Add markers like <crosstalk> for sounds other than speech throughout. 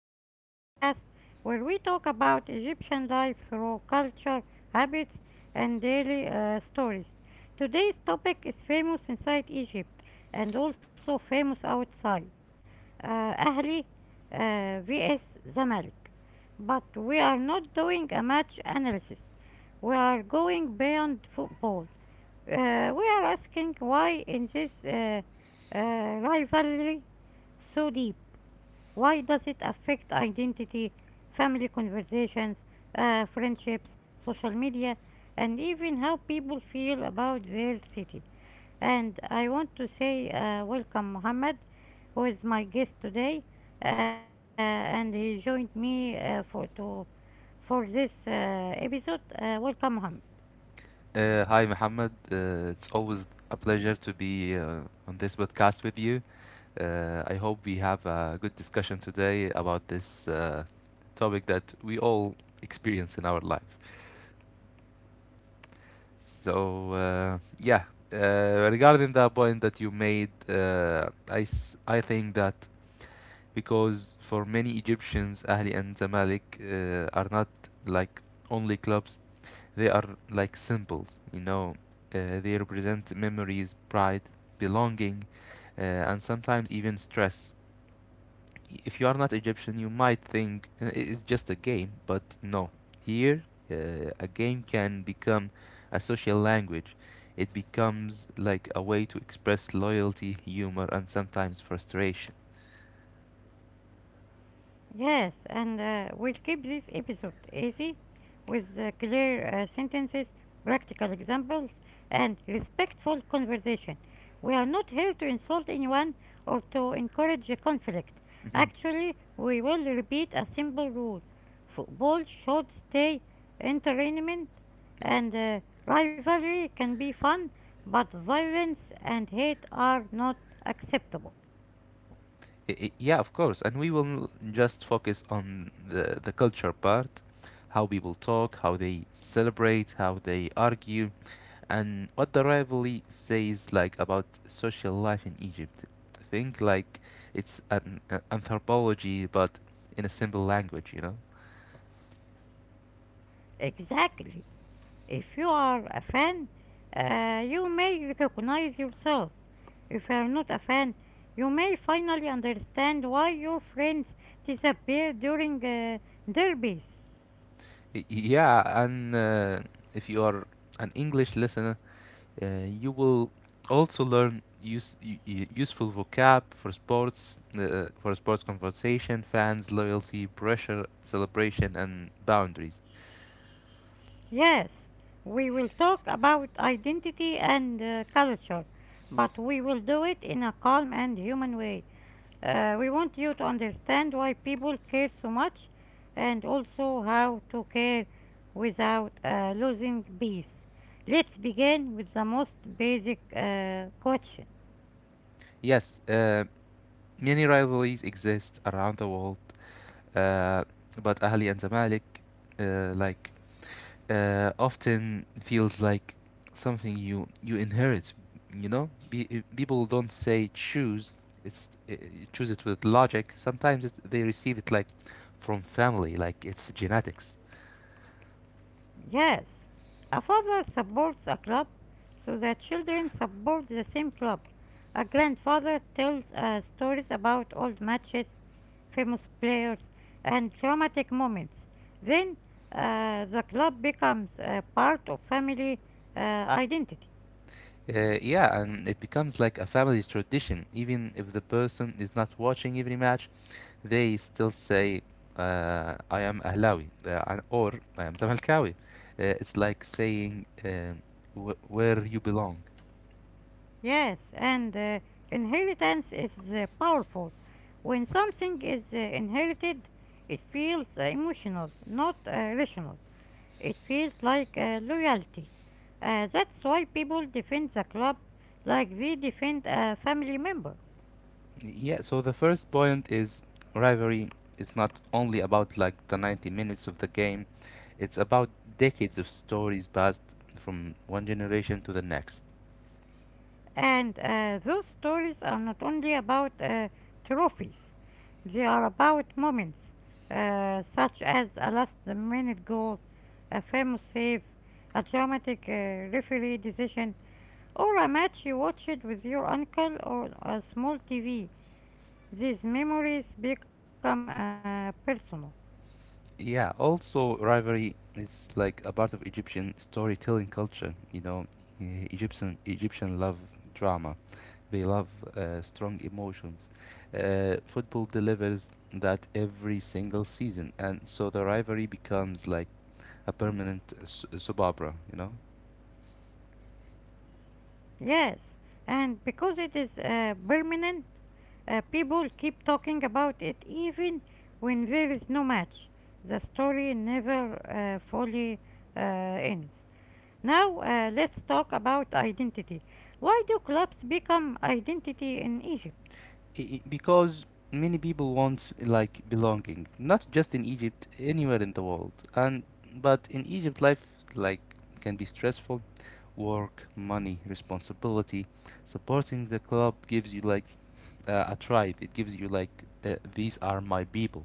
our podcast where we talk about Egyptian life through culture, habits, and daily stories. Today's topic is famous inside Egypt and also famous outside. Ahli vs. Zamalek. But we are not doing a match analysis. We are going beyond football. We are asking why in this rivalry so deep. Why does it affect identity, family conversations, friendships, social media, and even how people feel about their city? And I want to say welcome, Mohammed, who is my guest today, and he joined me for this episode. Welcome, Mohammed. Hi, Mohammed. It's always a pleasure to be on this podcast with you. I hope we have a good discussion today about this topic that we all experience in our life. So, uh, yeah, regarding the point that you made, I think that because for many Egyptians, Ahli and Zamalek are not like only clubs. They are like symbols, They represent memories, pride, belonging, uh, and sometimes even stress. If you are not Egyptian, you might think it's just a game, but no. Here, a game can become a social language. It becomes like a way to express loyalty, humor, and sometimes frustration. Yes, and we'll keep this episode easy with clear sentences, practical examples, and respectful conversation. We are not here to insult anyone or to encourage a conflict. <laughs> Actually, we will repeat a simple rule: football should stay entertainment, and rivalry can be fun, but violence and hate are not acceptable. Yeah, of course. And we will just focus on the culture part, how people talk, how they celebrate, how they argue, and what the rivalry says like about social life in Egypt. Think like it's an anthropology, but in a simple language, you know? Exactly. If you are a fan, you may recognize yourself. If you are not a fan, you may finally understand why your friends disappear during derbies. Yeah, and if you are an English listener, you will also learn useful vocab for sports conversation, fans, loyalty, pressure, celebration, and boundaries. Yes, we will talk about identity and culture, but we will do it in a calm and human way. We want you to understand why people care so much and also how to care without losing peace. Let's begin with the most basic question. Yes, many rivalries exist around the world, uh, but Ahli and Zamalek, uh, like often feels like something you inherit. You know, people don't say choose. It's Choose it with logic. Sometimes they receive it like from family, like it's genetics. Yes, a father supports a club, so the children support the same club. A grandfather tells stories about old matches, famous players, and dramatic moments. Then the club becomes a part of family identity. Yeah, and it becomes like a family tradition. Even if the person is not watching every match, they still say, "I am Ahlawi" or "I am Zamalkawi." It's like saying where you belong. Yes, and inheritance is powerful. When something is inherited, it feels emotional, not rational. It feels like loyalty. That's why people defend the club like they defend a family member. Yeah, so the first point is rivalry is not only about like the 90 minutes of the game, it's about decades of stories passed from one generation to the next. And those stories are not only about trophies, they are about moments such as a last minute goal, a famous save, a dramatic referee decision, or a match you watched with your uncle or a small TV. These memories become personal. Yeah, also rivalry is like a part of Egyptian storytelling culture, you know, e- Egyptian Egyptian love drama. They love strong emotions. Football delivers that every single season, and so the rivalry becomes like a permanent soap opera, you know? Yes, and because it is permanent, people keep talking about it even when there is no match. The story never fully ends. Now, let's talk about identity. Why do clubs become identity in Egypt? Because many people want like belonging, not just in Egypt, anywhere in the world. And but in Egypt, life like can be stressful. Work, money, responsibility. Supporting the club gives you like a tribe. It gives you like these are my people.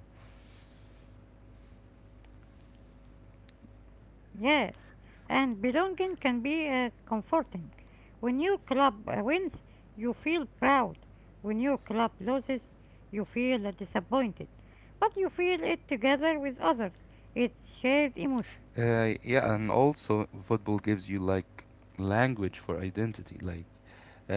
Yes, and belonging can be comforting. When your club wins, you feel proud. When your club loses, you feel disappointed. But you feel it together with others. It's shared emotion. Yeah, and also football gives you like language for identity. Like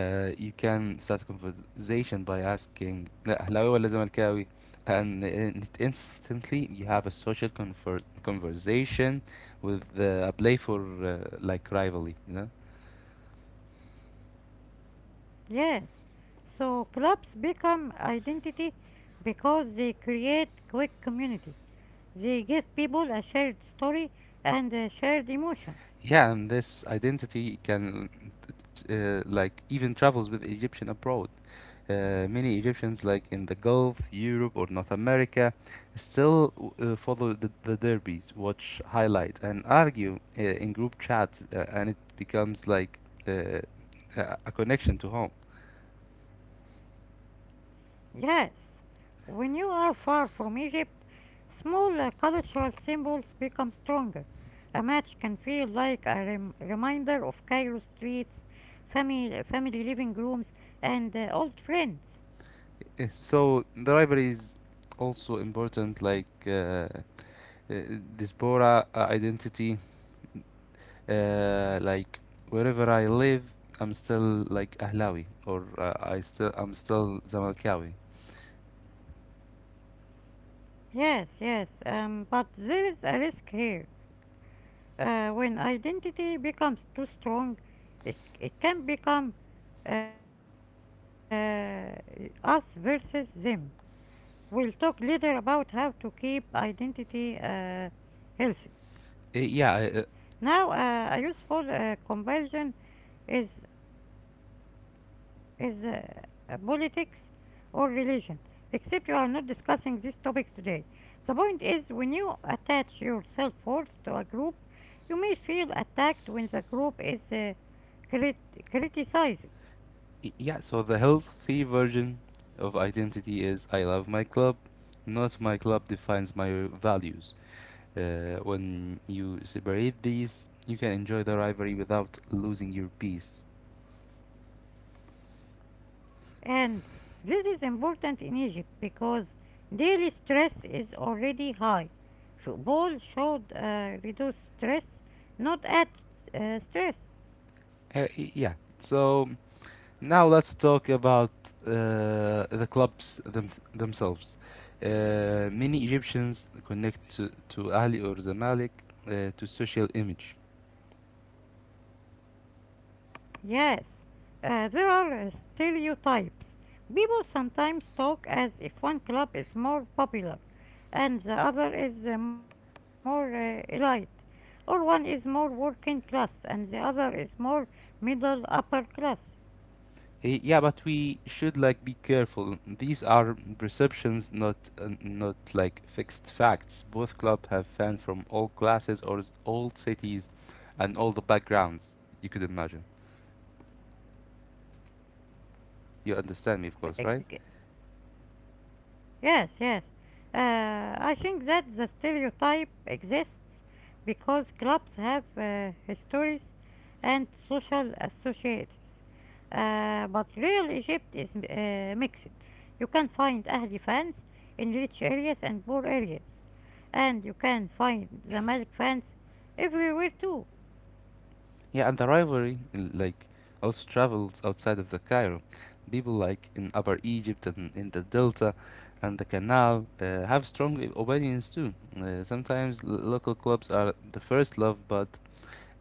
Uh, You can start a conversation by asking "لا، أهلاوي ولا زملكاوي", and it instantly you have a conversation with a playful rivalry, you know. Yes, so clubs become identity because they create quick community. They give people a shared story and shared emotions. Yeah, and this identity can even travels with Egyptian abroad. Many Egyptians, like in the Gulf, Europe, or North America, still follow the derbies, watch highlights, and argue in group chat, and it becomes like uh, a connection to home. Yes, when you are far from Egypt, small cultural symbols become stronger. A match can feel like a reminder of Cairo streets, family living rooms, and old friends. So the rivalry is also important, like uh, diaspora identity. Uh, like Wherever I live, I'm still like Ahlawi, or I'm still Zamalkawi. Yes, yes, but there is a risk here. When identity becomes too strong, it can become uh, us versus them. We'll talk later about how to keep identity healthy. Uh, Now, yeah, uh, a useful comparison is is politics or religion. Except you are not discussing these topics today. The point is, when you attach your self-worth to a group, you may feel attacked when the group is criticized. yeah. So the healthy version of identity is I love my club, not my club defines my values. When you separate these, you can enjoy the rivalry without losing your peace. And this is important in Egypt because daily stress is already high. Football should reduce stress, not add stress. Uh, yeah. So now let's talk about uh, the clubs themselves. Many Egyptians connect to Ahli or Zamalek to social image. Yes, there are stereotypes. People sometimes talk as if one club is more popular and the other is more elite, or one is more working class and the other is more middle upper class. Yeah, but we should like be careful. These are perceptions, not fixed facts. Both club have fans from all classes or all cities, and all the backgrounds you could imagine. Yes, exactly. You understand me, The of course, right? stereotype. Yes, yes. I think that the stereotype exists because clubs have histories and social associates. But real Egypt is mixed. You can find Ahli fans in rich areas and poor areas. And you can find Zamalek fans everywhere too. Yeah, and the rivalry like also travels outside of the Cairo. People like in Upper Egypt and in the Delta and the Canal have opinions too. Local clubs are the first love, but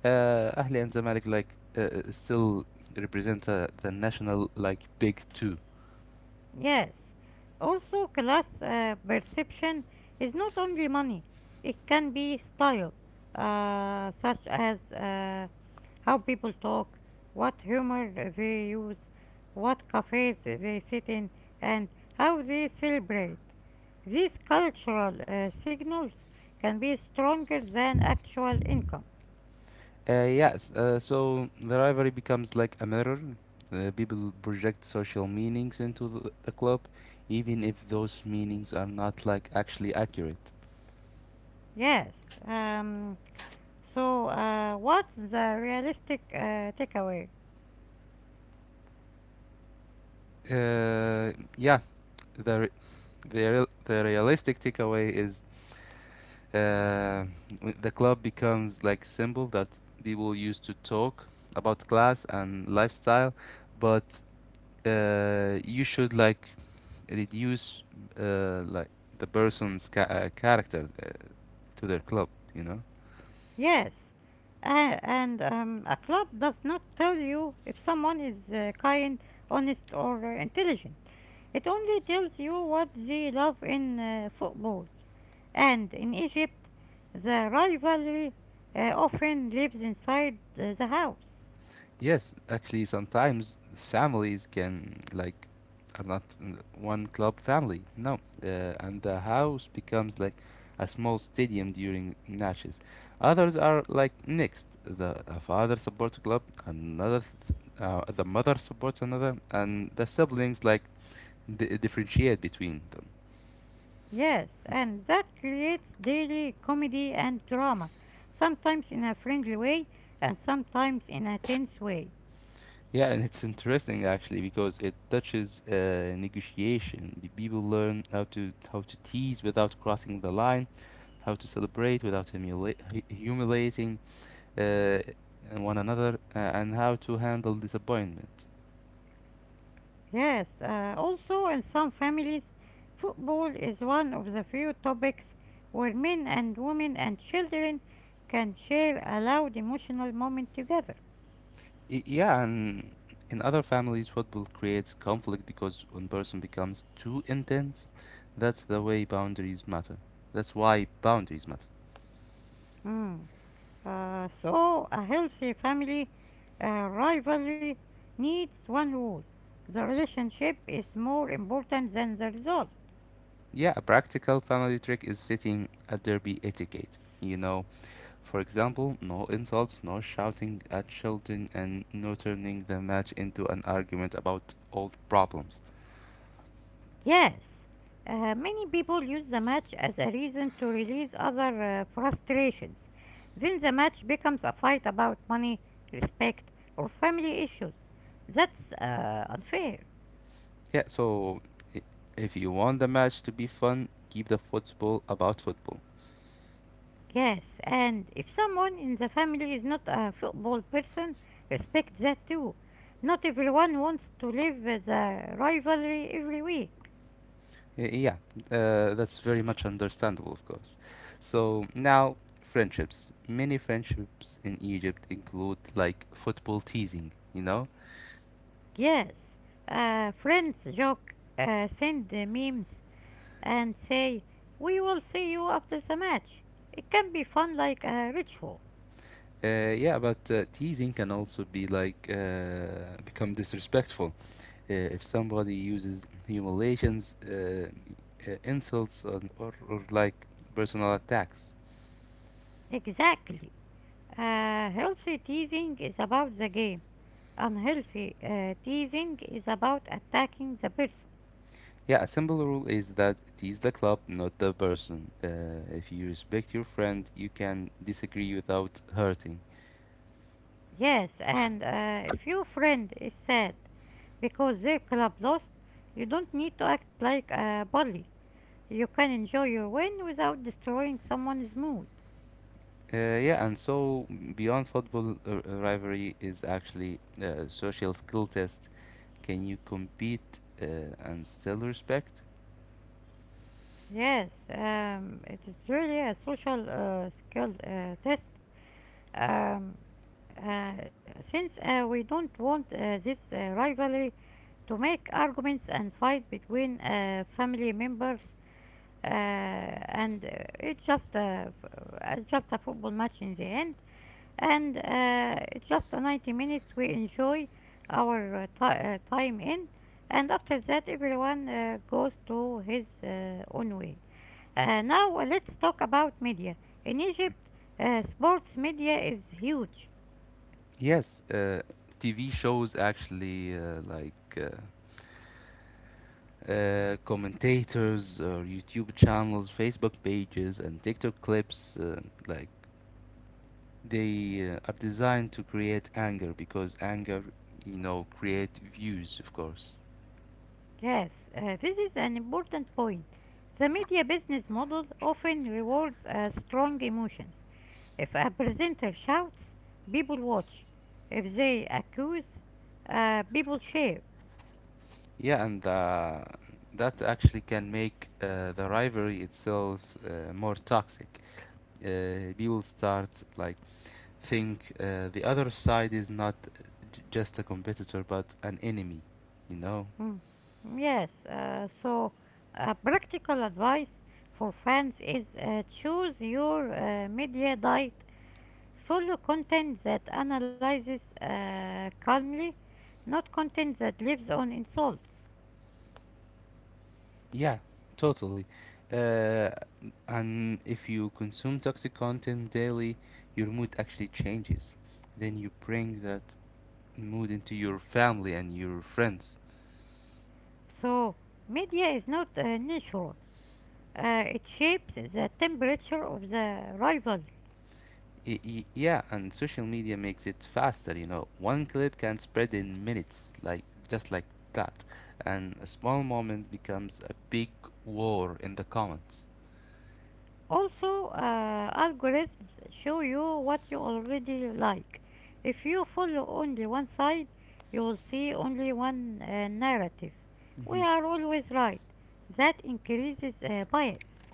Ahli and Zamalek still represent the national like big two. Yes. Also, class perception is not only money, it can be style, such as how people talk, what humor they use, what cafes they sit in, and how they celebrate. These cultural signals can be stronger than actual income. Yes, so the rivalry becomes like a mirror. People project social meanings into the club, even if those meanings are not like actually accurate. Yes. Um, so, what's the realistic takeaway? Uh, yeah, the re- the realistic takeaway is uh, the club becomes like symbol that people use to talk about class and lifestyle, but you should like reduce uh, like the person's character. To their club, you know? Yes, and a club does not tell you if someone is kind, honest, or intelligent. It only tells you what they love in football. And in Egypt, the rivalry often lives inside the house. Yes, actually, sometimes families can, like, are not in one club family, no. And the house becomes like a small stadium during matches. Others are like mixed. The a father supports a club, another, the mother supports another, and the siblings like di differentiate between them. Yes, and that creates daily comedy and drama, sometimes in a friendly way and sometimes in a tense way. Yeah, and it's interesting actually because it touches negotiation. The people learn how to tease without crossing the line, how to celebrate without humiliating uh, one another, and how to handle disappointment. Yes, also in some families, football is one of the few topics where men and women and children can share a loud emotional moment together. Yeah, and in other families, football creates conflict because one person becomes too intense. That's the way boundaries matter. That's why boundaries matter. Mm. So, a healthy family rivalry needs one rule: the relationship is more important than the result. Yeah, a practical family trick is sitting at derby etiquette. You know, for example, no insults, no shouting at children, and no turning the match into an argument about old problems. Yes, many people use the match as a reason to release other frustrations. Then the match becomes a fight about money, respect, or family issues. That's unfair. Yeah, so if you want the match to be fun, keep the football about football. Yes, and if someone in the family is not a football person, respect that too. Not everyone wants to live with a rivalry every week. Yeah, that's very much understandable, of course. So now, friendships. Many friendships in Egypt include like football teasing, you know? Yes, friends joke, send memes, and say, "We will see you after the match." It can be fun like a ritual. Yeah, but teasing can also be like become disrespectful. If somebody uses humiliations, insults, or like personal attacks. Exactly. Healthy teasing is about the game. Unhealthy teasing is about attacking the person. Yeah, a simple rule is that it is the club, not the person. If you respect your friend, you can disagree without hurting. Yes, and if your friend is sad because their club lost, you don't need to act like a bully. You can enjoy your win without destroying someone's mood. Yeah, and so beyond football, rivalry is actually a social skill test. Can you compete and still respect? Yes, it is really a social skill test. Um, uh, since we don't want this rivalry to make arguments and fight between family members, and it's just a football match in the end, and it's just a 90 minutes we enjoy our ti time in, and after that everyone goes to his own way. Now, let's talk about media in Egypt. Sports media is huge. Yes, TV shows actually uh, commentators or YouTube channels, Facebook pages, and TikTok clips, like they are designed to create anger because anger, you know, create views, of course. Yes, this is an important point. The media business model often rewards strong emotions. If a presenter shouts, people watch. If they accuse, people share. Yeah, and that actually can make the rivalry itself more toxic. People start like think the other side is not just a competitor but an enemy, you know. Mm, Yes, so practical advice for fans is choose your media diet. Follow content that analyzes calmly, not content that lives on insults. Yeah, totally. Uh, and if you consume toxic content daily, your mood actually changes. Then you bring that mood into your family and your friends. So, media is not neutral. It shapes the temperature of the rivalry. Yeah, and social media makes it faster, you know. One clip can spread in minutes, like just like that. And a small moment becomes a big war in the comments. Also, algorithms show you what you already like. If you follow only one side, you will see only one narrative. We are always right. That increases bias.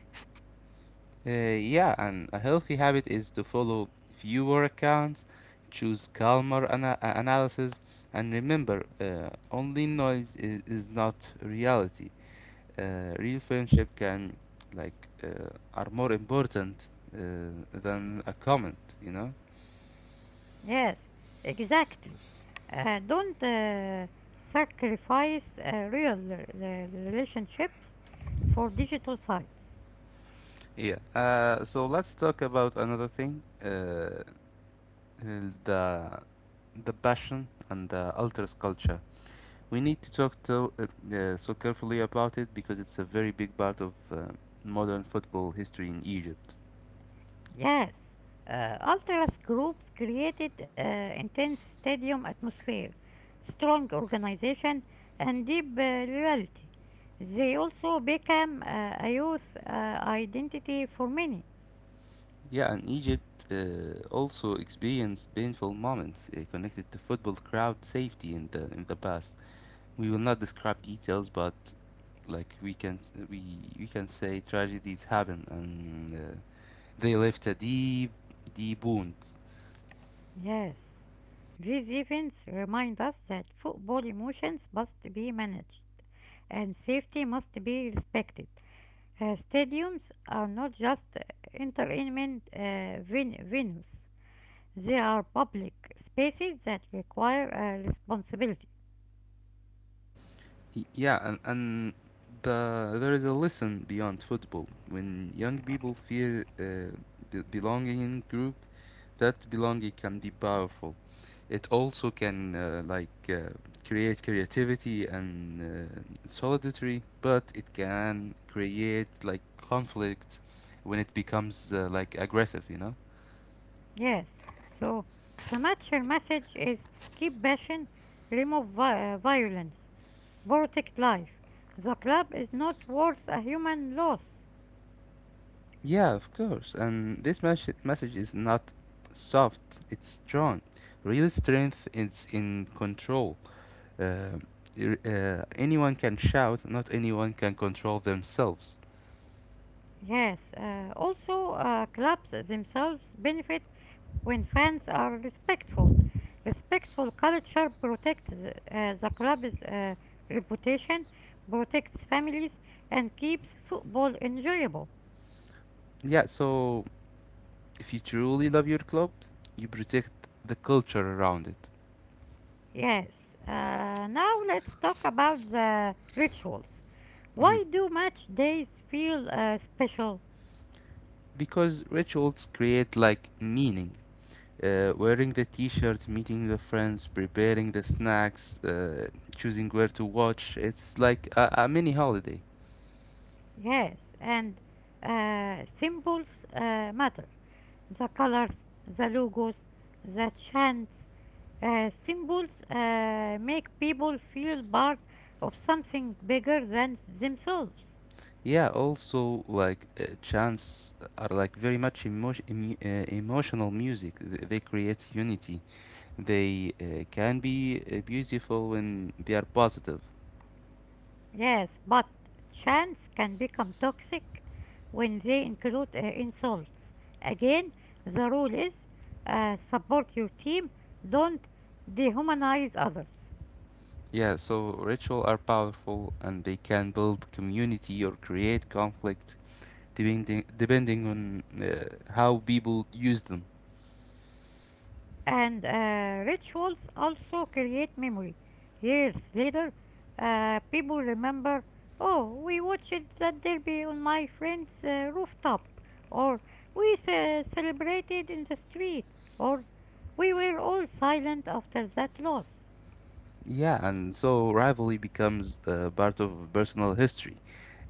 Uh, yeah, and a healthy habit is to follow fewer accounts, choose calmer analysis, and remember only noise is not reality. Real friendship can, are more important uh, than a comment, you know? Yes, exactly. Don't sacrifice real relationships for digital fights. Yeah. So let's talk about another thing, the, the passion and the alters culture. We need to talk to, so carefully about it because it's a very big part of modern football history in Egypt. Yes, ultras groups created intense stadium atmosphere, strong organization, and deep loyalty. They also became a youth identity for many. Yeah, and Egypt also experienced painful moments connected to football crowd safety in the past. We will not describe details, but like we we can say tragedies happen and they left a deep wound. Yes, these events remind us that football emotions must be managed and safety must be respected. Stadiums are not just entertainment venues. They are public spaces that require a responsibility. Yeah, and there is a lesson beyond football. When young people feel belonging in group, that belonging can be powerful. It also can create creativity and solidarity, but it can create like conflict when it becomes like aggressive, you know? Yes. So the mature message is: keep passion, remove violence, protect life. The club is not worth a human loss. Yeah, of course. And this message is not soft, it's strong. Real strength is in control. Uh, Anyone can shout, not anyone can control themselves. Yes. Also, clubs themselves benefit when fans are respectful. Respectful culture protects the club's reputation, protects families, and keeps football enjoyable. Yeah, so if you truly love your club, you protect the culture around it. Yes, now let's talk about the rituals. Mhm. Why do match days feel special? Because rituals create like meaning. Wearing the t-shirts, meeting the friends, preparing the snacks, choosing where to watch. It's like a mini holiday. Yes, and symbols matter. The colors, the logos, the chants, symbols make people feel part of something bigger than themselves. Yeah, also like chants are like very much emotional music. They create unity. They can be beautiful when they are positive. Yes, but chants can become toxic when they include insults. Again, the rule is: support your team, don't dehumanize others. Yeah, so rituals are powerful and they can build community or create conflict depending on how people use them. And rituals also create memory. Years later, people remember, oh, we watched that derby on my friend's rooftop, or we celebrated in the street, or we were all silent after that loss. Yeah, and so rivalry becomes part of personal history.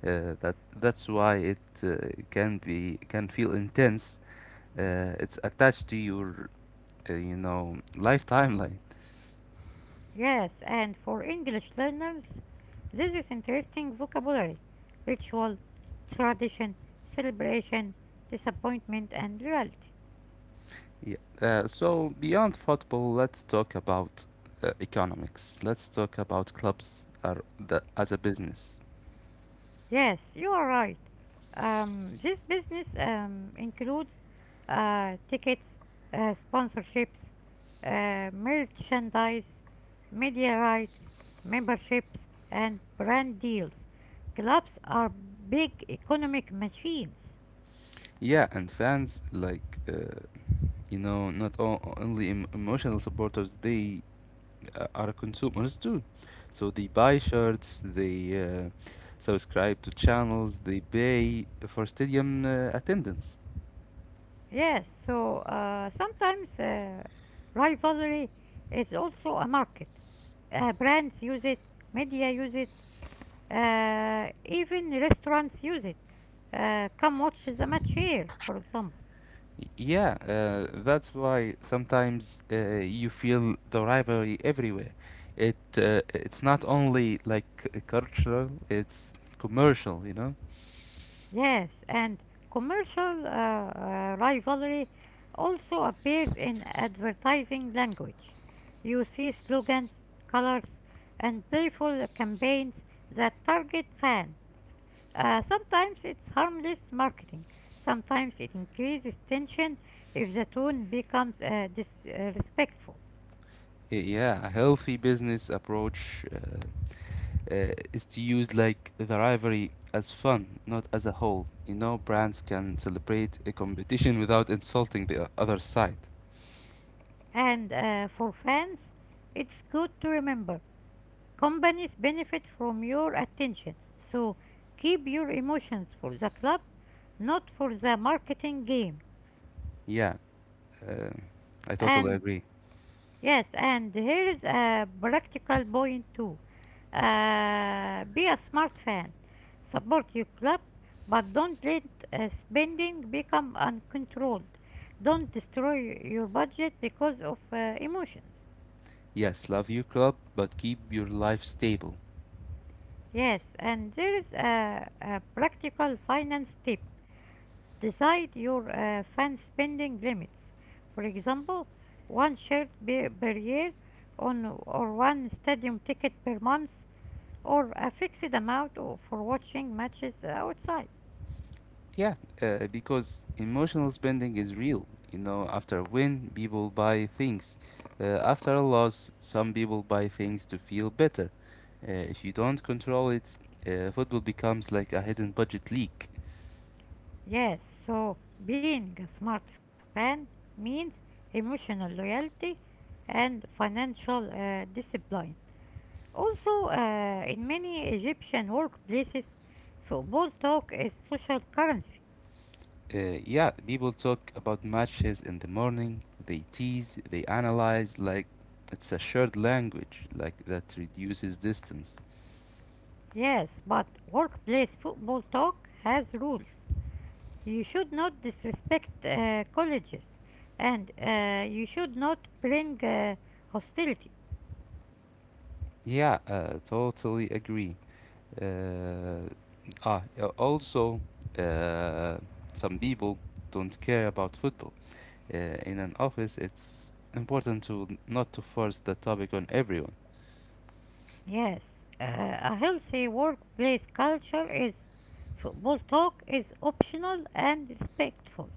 That's why it can feel intense. It's attached to your lifetime timeline. Yes, and for English learners, this is interesting vocabulary: ritual, tradition, celebration, disappointment, and reality. Yeah. So beyond football, let's talk about economics. Let's talk about clubs are the, as a business. Yes, you are right. This business includes tickets, sponsorships, merchandise, media rights, memberships, and brand deals. Clubs are big economic machines. Yeah, and fans like not all, only emotional supporters. They are consumers too, so they buy shirts. They subscribe to channels. They pay for stadium attendance. Yes, so sometimes rivalry is also a market. Brands use it, media use it, even restaurants use it. Come watch the match here, for example. Yeah, that's why sometimes you feel the rivalry everywhere. It's not only like cultural, it's commercial, you know? Yes, and commercial rivalry also appears in advertising language. You see slogans, colors, and playful campaigns that target fans. Sometimes it's harmless marketing. Sometimes it increases tension if the tone becomes disrespectful. Yeah, a healthy business approach is to use like the rivalry as fun, not as a whole. You know, brands can celebrate a competition without insulting the other side. And for fans, it's good to remember companies benefit from your attention. So keep your emotions for the club, not for the marketing game. Yeah, uh, I totally And agree. yes, and here is a practical point too. Be a smart fan. Support your club, but don't let spending become uncontrolled. Don't destroy your budget because of emotions. Yes, love your club, but keep your life stable. Yes, and there is a practical finance tip. Decide your fund spending limits. For example, one shirt per year on, or one stadium ticket per month or a fixed amount for watching matches outside. Yeah, because emotional spending is real. You know, after a win, people buy things. After a loss, some people buy things to feel better. If you don't control it, football becomes like a hidden budget leak. Yes, so being a smart fan means emotional loyalty and financial discipline. Also, in many Egyptian workplaces, football talk is social currency. Uh, yeah, people talk about matches in the morning, they tease, they analyze, like it's a shared language, like that reduces distance. Yes, but workplace football talk has rules. You should not disrespect colleges, and you should not bring hostility. Yeah, totally agree. Uh, Also, uh, some people don't care about football. In an office, it's important to not to force the topic on everyone. Yes, a healthy workplace culture is football talk is optional and respectful.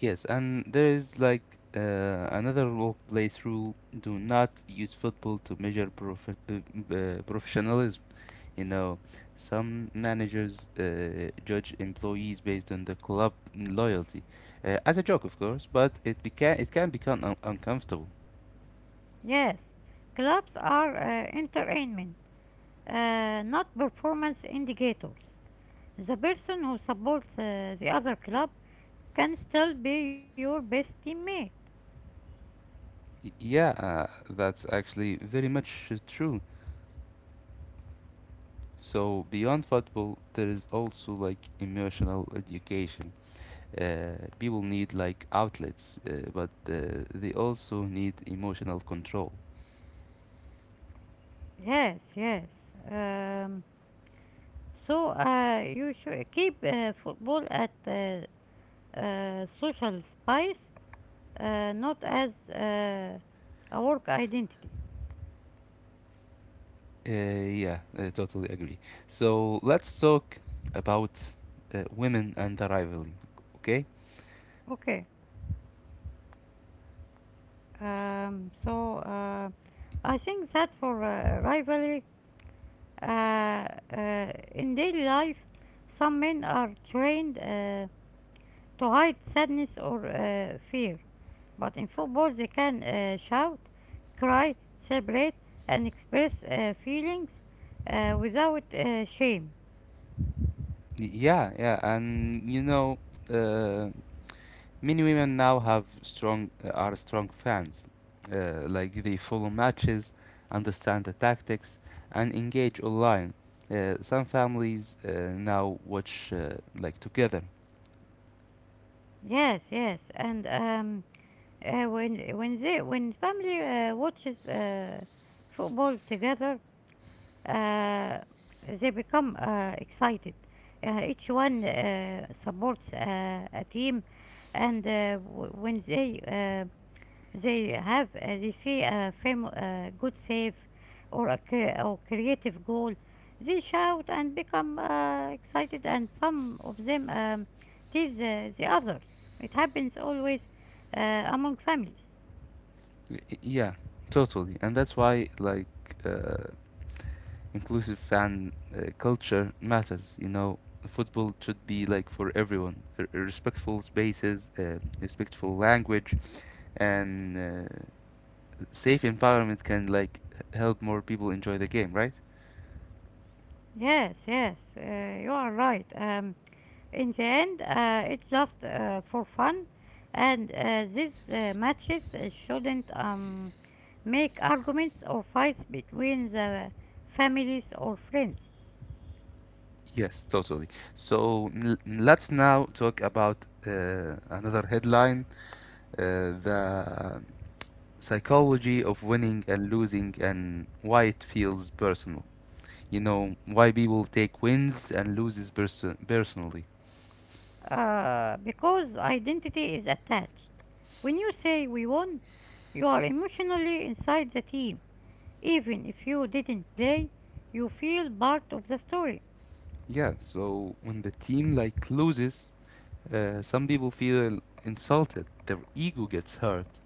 Yes, and there is like another workplace rule: do not use football to measure professionalism. You know, some managers judge employees based on the club loyalty, as a joke, of course, but it can become uncomfortable. Yes, clubs are entertainment not performance indicators. The person who supports the other club can still be your best teammate. Yeah, that's actually very much true. So beyond football, there is also like emotional education. People need like outlets, but they also need emotional control. Yes, yes. Um, so you should keep football at social spice, not as a work identity. Uh, yeah, I totally agree. So let's talk about women and the rivalry. Okay? Okay. S- So I think that for rivalry uh, in daily life, some men are trained to hide sadness or fear, but in football they can shout, cry, celebrate, and express feelings without shame. Yeah, yeah, and you know, uh, many women now have strong are strong fans. Like they follow matches, understand the tactics, and engage online. Some families now watch like together. Yes, yes, and when they when family watches football together, uh, they become excited. Each one supports a team, and when they see a good save or a cre- or creative goal, they shout and become excited, and some of them tease the others. It happens always among families. Yeah, totally, and that's why like uh, inclusive fan culture matters. You know, football should be like for everyone. Respectful spaces, respectful language, and uh, safe environment can like help more people enjoy the game, right? Yes, yes, you are right. In the end, it's just for fun, and these matches shouldn't make arguments or fights between the families or friends, Yes, totally. So let's now talk about another headline: the psychology of winning and losing, and why it feels personal. You know why people take wins and loses personally. Because identity is attached. When you say we won, you are emotionally inside the team. Even if you didn't play, you feel part of the story. Yeah. So when the team like loses, some people feel insulted. Their ego gets hurt.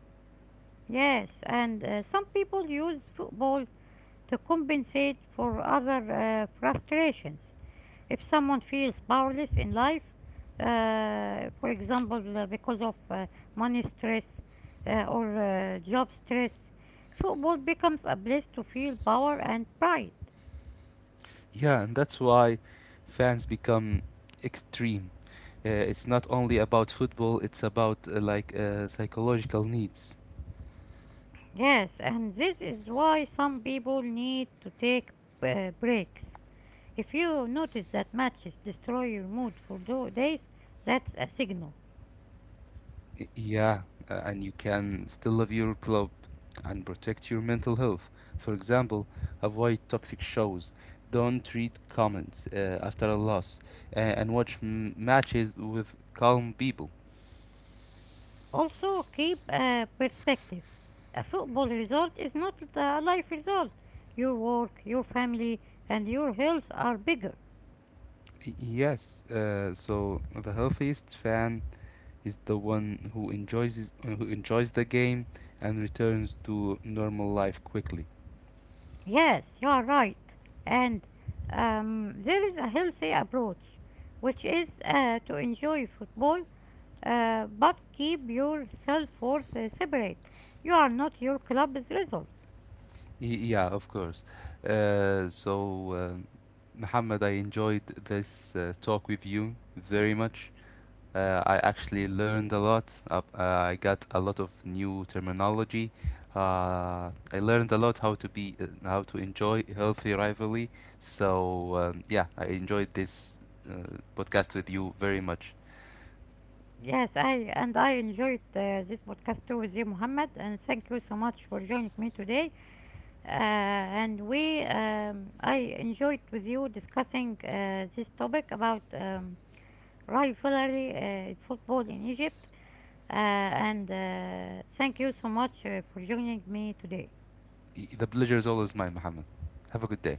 Yes, and some people use football to compensate for other frustrations. If someone feels powerless in life, for example, because of money stress or job stress, football becomes a place to feel power and pride. Yeah, and that's why fans become extreme. It's not only about football, it's about psychological needs. Yes, and this is why some people need to take breaks. If you notice that matches destroy your mood for days, that's a signal. Yeah, and you can still love your club and protect your mental health. For example, avoid toxic shows, don't read comments after a loss, and watch matches with calm people. Also, keep a perspective. A football result is not a life result. Your work, your family, and your health are bigger. Yes, so the healthiest fan is the one who who enjoys the game and returns to normal life quickly. Yes, you are right. And there is a healthy approach, which is to enjoy football but keep your self worth separate. You are not your club's result. Yeah, of course. So, Muhammad, I enjoyed this talk with you very much. I actually learned a lot. I got a lot of new terminology. I learned a lot how to be how to enjoy healthy rivalry. So yeah, I enjoyed this podcast with you very much. Yes, I enjoyed this podcast too with you, Muhammad, and thank you so much for joining me today. And we I enjoyed with you discussing this topic about rivalry, football in Egypt. And Thank you so much for joining me today. The pleasure is always mine, Muhammad. Have a good day.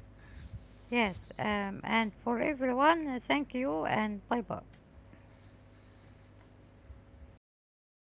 Yes, and for everyone, thank you and bye bye.